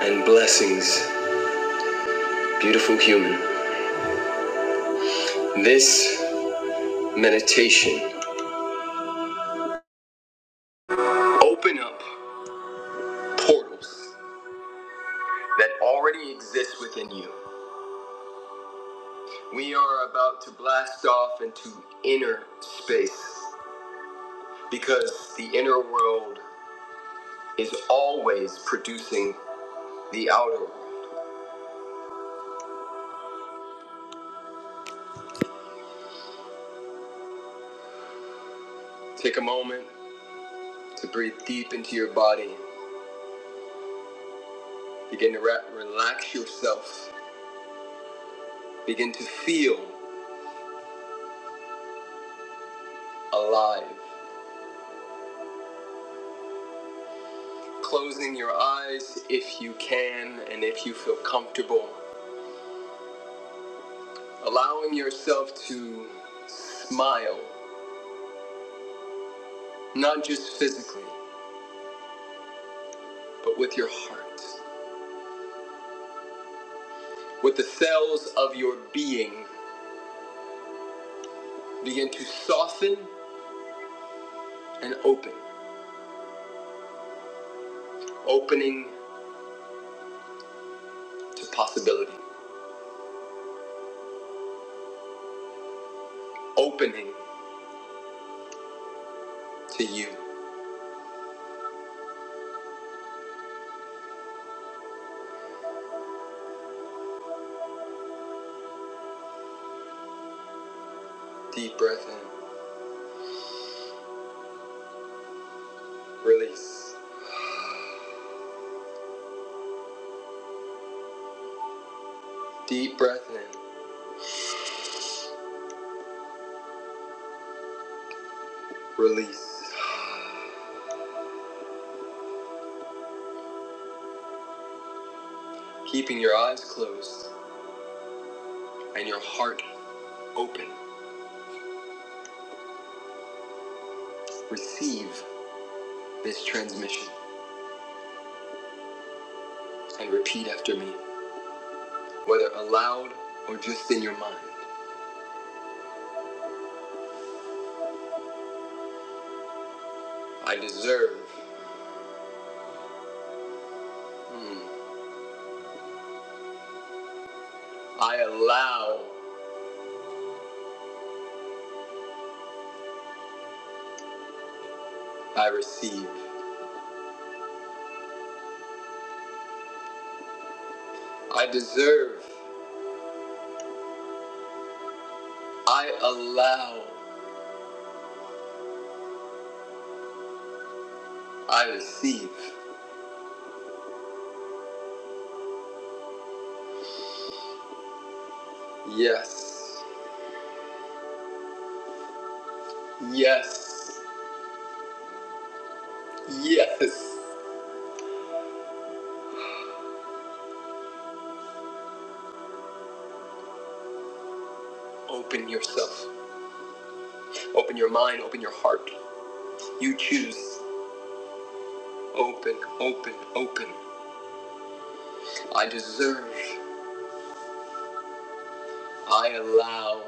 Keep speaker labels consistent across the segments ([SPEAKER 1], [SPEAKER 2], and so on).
[SPEAKER 1] and blessings, beautiful human. This meditation open up portals that already exist within you. We are about to blast off into inner space because the inner world is always producing the outer. world. Take a moment to breathe deep into your body. Begin to re- relax yourself. Begin to feel alive. Closing your eyes if you can and if you feel comfortable. Allowing yourself to smile, not just physically, but with your heart. With the cells of your being, begin to soften and open. Opening to possibility, opening to you. Deep breath in, release. Deep breath in, release. Keeping your eyes closed and your heart open. Receive this transmission and repeat after me, whether aloud or just in your mind. I deserve. Hmm. I allow. I receive. I deserve. I allow. I receive. Yes. Yes. Yes. Open yourself. Open your mind. Open your heart. You choose. Open, open, open. I deserve. I allow.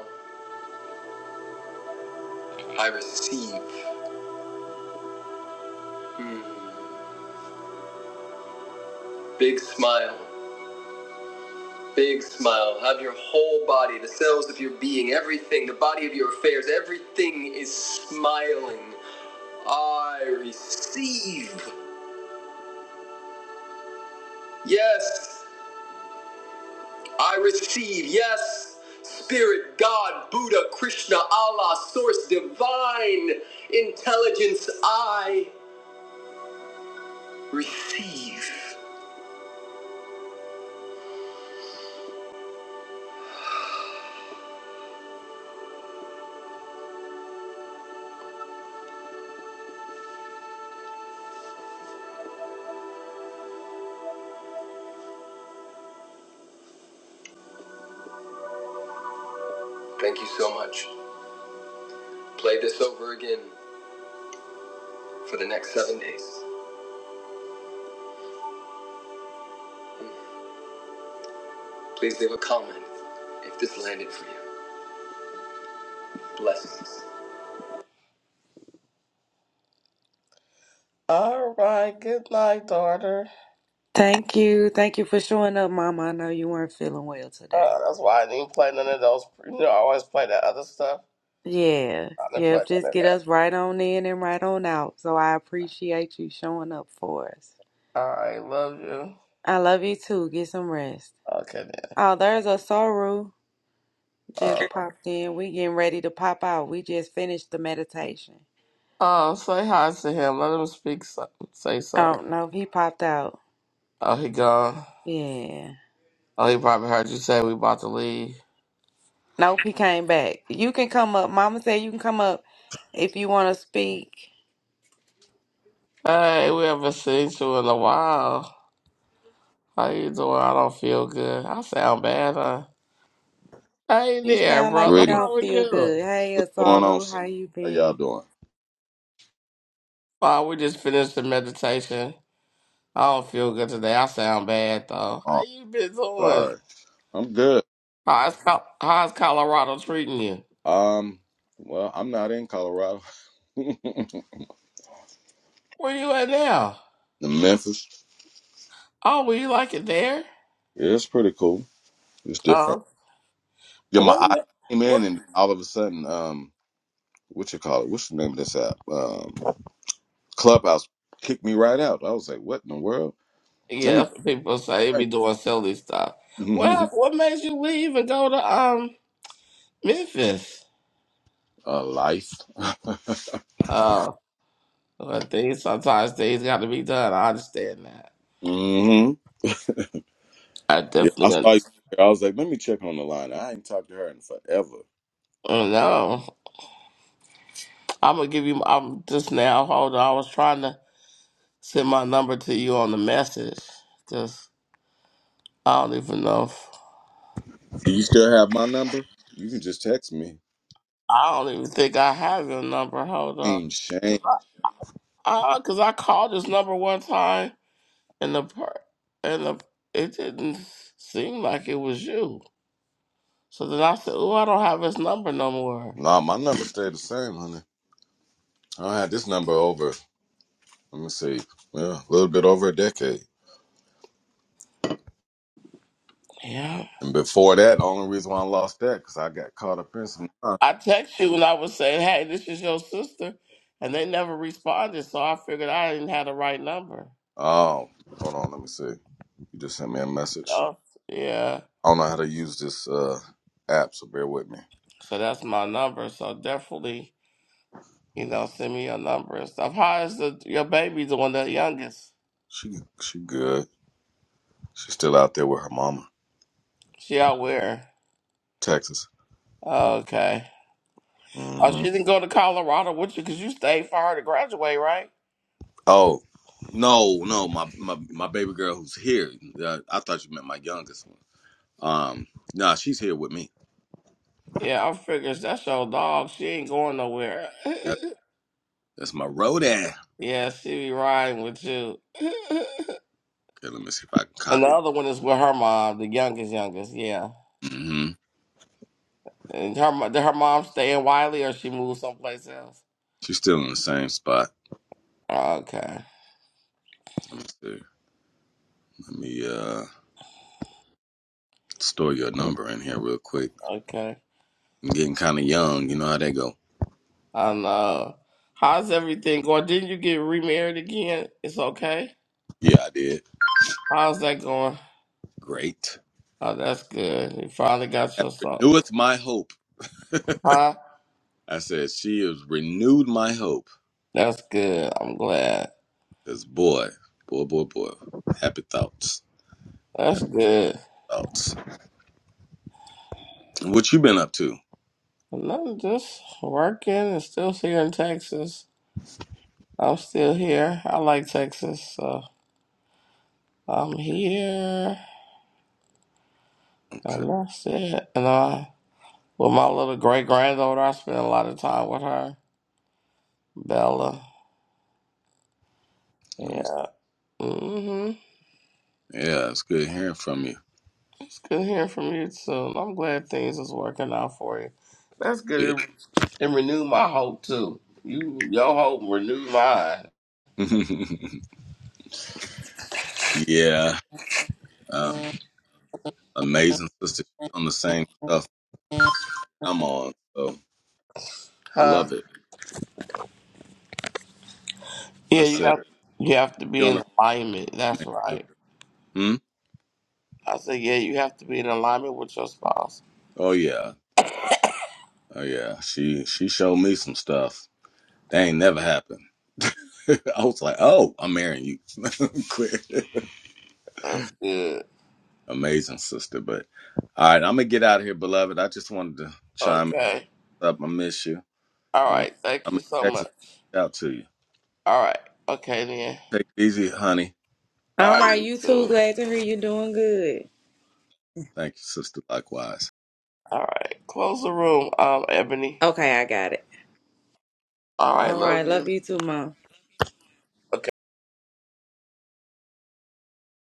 [SPEAKER 1] I receive. Hmm. Big smile. Big smile. Have your whole body, the cells of your being, everything, the body of your affairs, everything is smiling. I receive. Yes. I receive. Yes. Spirit, God, Buddha, Krishna, Allah, Source, Divine, Intelligence, I receive. Thank you so much. Play this over again for the next seven days. Please leave a comment if this landed for you. Blessings. All right. Good night, daughter.
[SPEAKER 2] Thank you. Thank you for showing up, Mama. I know you weren't feeling well today.
[SPEAKER 1] Uh, that's why I didn't play none of those. You know, I always play that other stuff.
[SPEAKER 2] Yeah.
[SPEAKER 1] I didn't
[SPEAKER 2] Yeah,
[SPEAKER 1] play
[SPEAKER 2] just
[SPEAKER 1] none of
[SPEAKER 2] get
[SPEAKER 1] that.
[SPEAKER 2] us right on in and right on out. So I appreciate you showing up for us.
[SPEAKER 1] All right. Love you.
[SPEAKER 2] I love you too. Get some rest.
[SPEAKER 1] Okay, then.
[SPEAKER 2] Oh, there's a Soru
[SPEAKER 1] Uh,
[SPEAKER 2] just popped in. We getting ready to pop out. We just finished the meditation.
[SPEAKER 1] oh, say hi to him. Let him speak something. Say something.
[SPEAKER 2] Oh, no, he popped out.
[SPEAKER 1] Oh, he gone.
[SPEAKER 2] Yeah.
[SPEAKER 1] Oh, he probably heard you say we about to leave.
[SPEAKER 2] Nope, he came back. You can come up. Mama said you can come up if you want to speak.
[SPEAKER 1] Hey, we haven't seen you in a while. How you doing? I don't feel good. I sound bad, huh? Hey
[SPEAKER 2] You
[SPEAKER 1] there,
[SPEAKER 2] sound like
[SPEAKER 1] brother.
[SPEAKER 2] you
[SPEAKER 3] Greeting.
[SPEAKER 2] don't
[SPEAKER 1] How are
[SPEAKER 2] feel
[SPEAKER 1] you?
[SPEAKER 2] good. Hey,
[SPEAKER 3] What's going on,
[SPEAKER 2] Asaru,
[SPEAKER 3] sister?
[SPEAKER 2] how you
[SPEAKER 3] How y'all
[SPEAKER 2] been?
[SPEAKER 3] doing?
[SPEAKER 1] Well, we just finished the meditation. I don't feel good today. I sound bad though. How
[SPEAKER 3] Oh,
[SPEAKER 1] you been doing?
[SPEAKER 3] sorry. I'm good.
[SPEAKER 1] How's Col- how's Colorado treating you?
[SPEAKER 3] Um, well, I'm not in Colorado.
[SPEAKER 1] Where you at now?
[SPEAKER 3] The Memphis.
[SPEAKER 1] Oh, well, you like it there?
[SPEAKER 3] Yeah, it's pretty cool. It's different.
[SPEAKER 1] Oh,
[SPEAKER 3] Yeah,
[SPEAKER 1] uh,
[SPEAKER 3] my
[SPEAKER 1] wait a
[SPEAKER 3] I
[SPEAKER 1] minute.
[SPEAKER 3] came in
[SPEAKER 1] What?
[SPEAKER 3] and all of a sudden, um, what you call it? What's the name of this app? Um, Clubhouse kicked me right out. I was like, what in the world? Let
[SPEAKER 1] Yeah,
[SPEAKER 3] me
[SPEAKER 1] that's what people say. They be doing silly stuff. What happened? What made you leave and go to um Memphis?
[SPEAKER 3] uh, life.
[SPEAKER 1] Oh, well, things sometimes things got to be done. I understand that.
[SPEAKER 3] hmm
[SPEAKER 1] I
[SPEAKER 3] Yeah, I
[SPEAKER 1] definitely. un-
[SPEAKER 3] saw you. I was like, let me check on the line. I ain't talked to her in forever.
[SPEAKER 1] Oh, No, I'm gonna give you. I'm just now. Hold on. I was trying to. Send my number to you on the message. Just I don't even know. If,
[SPEAKER 3] Do you still have my number? You can just text me.
[SPEAKER 1] I don't even think I have your number. Hold on,
[SPEAKER 3] Ain't
[SPEAKER 1] cause
[SPEAKER 3] shame.
[SPEAKER 1] I, I, cause I called this number one time and the per and the it didn't seem like it was you. So then I said, "Oh, I don't have his number no more."
[SPEAKER 3] Nah, my number stayed the same, honey. I had this number over, let me see, yeah, a little bit over a decade.
[SPEAKER 1] Yeah,
[SPEAKER 3] And before that, the only reason why I lost that, because I got caught up in some. Oh,
[SPEAKER 1] I text you and I was saying, "Hey, this is your sister," and they never responded. So I figured I didn't have the right number.
[SPEAKER 3] hold on, let me see. You just sent me a message.
[SPEAKER 1] Oh, yeah.
[SPEAKER 3] I don't know how to use this uh, app, so bear with me.
[SPEAKER 1] So that's my number. So definitely. You know, send me your number and stuff. How is the your baby doing? The youngest?
[SPEAKER 3] She, she good. She's still out there with her mama,
[SPEAKER 1] She out where?
[SPEAKER 3] Texas.
[SPEAKER 1] Okay. Oh,
[SPEAKER 3] Mm-hmm.
[SPEAKER 1] she didn't go to Colorado with you because you stayed for her to graduate, right?
[SPEAKER 3] Oh, no, no, my my, my baby girl who's here. Uh, I thought you meant my youngest one. Um, nah, she's here with me.
[SPEAKER 1] Yeah, I figures that's your dog. She ain't going nowhere.
[SPEAKER 3] Yeah, that's my roadie. Okay,
[SPEAKER 1] yeah, she be riding with you.
[SPEAKER 3] let me see if I can
[SPEAKER 1] and the
[SPEAKER 3] copy.
[SPEAKER 1] other one is with her mom, the youngest, youngest. Yeah.
[SPEAKER 3] hmm
[SPEAKER 1] And her mo- did her mom stay in Wiley or she moved someplace else?
[SPEAKER 3] She's still in the same spot.
[SPEAKER 1] Okay.
[SPEAKER 3] Let me see. Let me uh store your number in here real quick.
[SPEAKER 1] Okay.
[SPEAKER 3] I'm getting kind of young. You know how they go.
[SPEAKER 1] And uh, how's everything going? Didn't you get remarried again? It's okay.
[SPEAKER 3] Yeah, I did.
[SPEAKER 1] How's that going?
[SPEAKER 3] Great.
[SPEAKER 1] Oh, that's good. You finally got
[SPEAKER 3] That
[SPEAKER 1] yourself.
[SPEAKER 3] reneweth my hope.
[SPEAKER 1] Huh?
[SPEAKER 3] I said she has renewed my hope.
[SPEAKER 1] That's good. I'm glad.
[SPEAKER 3] Cause boy, boy, boy, boy. Happy thoughts.
[SPEAKER 1] That's
[SPEAKER 3] Happy
[SPEAKER 1] good.
[SPEAKER 3] thoughts. What you been up to?
[SPEAKER 1] And I'm just working and still here in Texas. I'm still here. I like Texas, so I'm here.
[SPEAKER 3] Okay.
[SPEAKER 1] And that's it. And I, with my little great granddaughter, I spend a lot of time with her, Bella.
[SPEAKER 3] Let me,
[SPEAKER 1] Yeah. Mm-hmm.
[SPEAKER 3] yeah, it's good hearing from
[SPEAKER 1] It's good hearing from you too. I'm glad things is working out for you. That's
[SPEAKER 3] you.
[SPEAKER 1] good. It it renewed my hope too. You your hope renewed mine.
[SPEAKER 3] Yeah. yeah. Um, amazing sister on the same stuff I'm on. So I
[SPEAKER 1] Huh?
[SPEAKER 3] love it. I
[SPEAKER 1] Yeah, you
[SPEAKER 3] said,
[SPEAKER 1] have you have to
[SPEAKER 3] you
[SPEAKER 1] be
[SPEAKER 3] on the
[SPEAKER 1] in alignment.
[SPEAKER 3] same
[SPEAKER 1] That's
[SPEAKER 3] thing, too.
[SPEAKER 1] right.
[SPEAKER 3] Hmm?
[SPEAKER 1] I said, yeah, you have to be in alignment with your spouse.
[SPEAKER 3] Oh yeah. Oh yeah. She she showed me some stuff. That ain't never happened. I was like, oh, I'm marrying you. Quick.
[SPEAKER 1] That's good.
[SPEAKER 3] Amazing sister. But all right, I'm gonna get out of here, beloved. I just wanted to chime
[SPEAKER 1] Okay.
[SPEAKER 3] up. I miss you.
[SPEAKER 1] All
[SPEAKER 3] And when
[SPEAKER 1] right. Thank
[SPEAKER 3] I'm
[SPEAKER 1] you
[SPEAKER 3] in
[SPEAKER 1] so
[SPEAKER 3] Texas,
[SPEAKER 1] much.
[SPEAKER 3] I'll reach out to you.
[SPEAKER 1] All right. Okay then.
[SPEAKER 3] Take it easy, honey.
[SPEAKER 1] All
[SPEAKER 2] All
[SPEAKER 1] right,
[SPEAKER 2] right,
[SPEAKER 1] you
[SPEAKER 2] you too.
[SPEAKER 1] too.
[SPEAKER 2] Glad to hear you doing good.
[SPEAKER 3] Thank you, sister. Likewise.
[SPEAKER 1] All right. Close the room, um, Ebony.
[SPEAKER 2] Okay, I got it.
[SPEAKER 1] All right.
[SPEAKER 2] All right,
[SPEAKER 1] Love
[SPEAKER 2] love
[SPEAKER 1] you.
[SPEAKER 2] you too, Mom.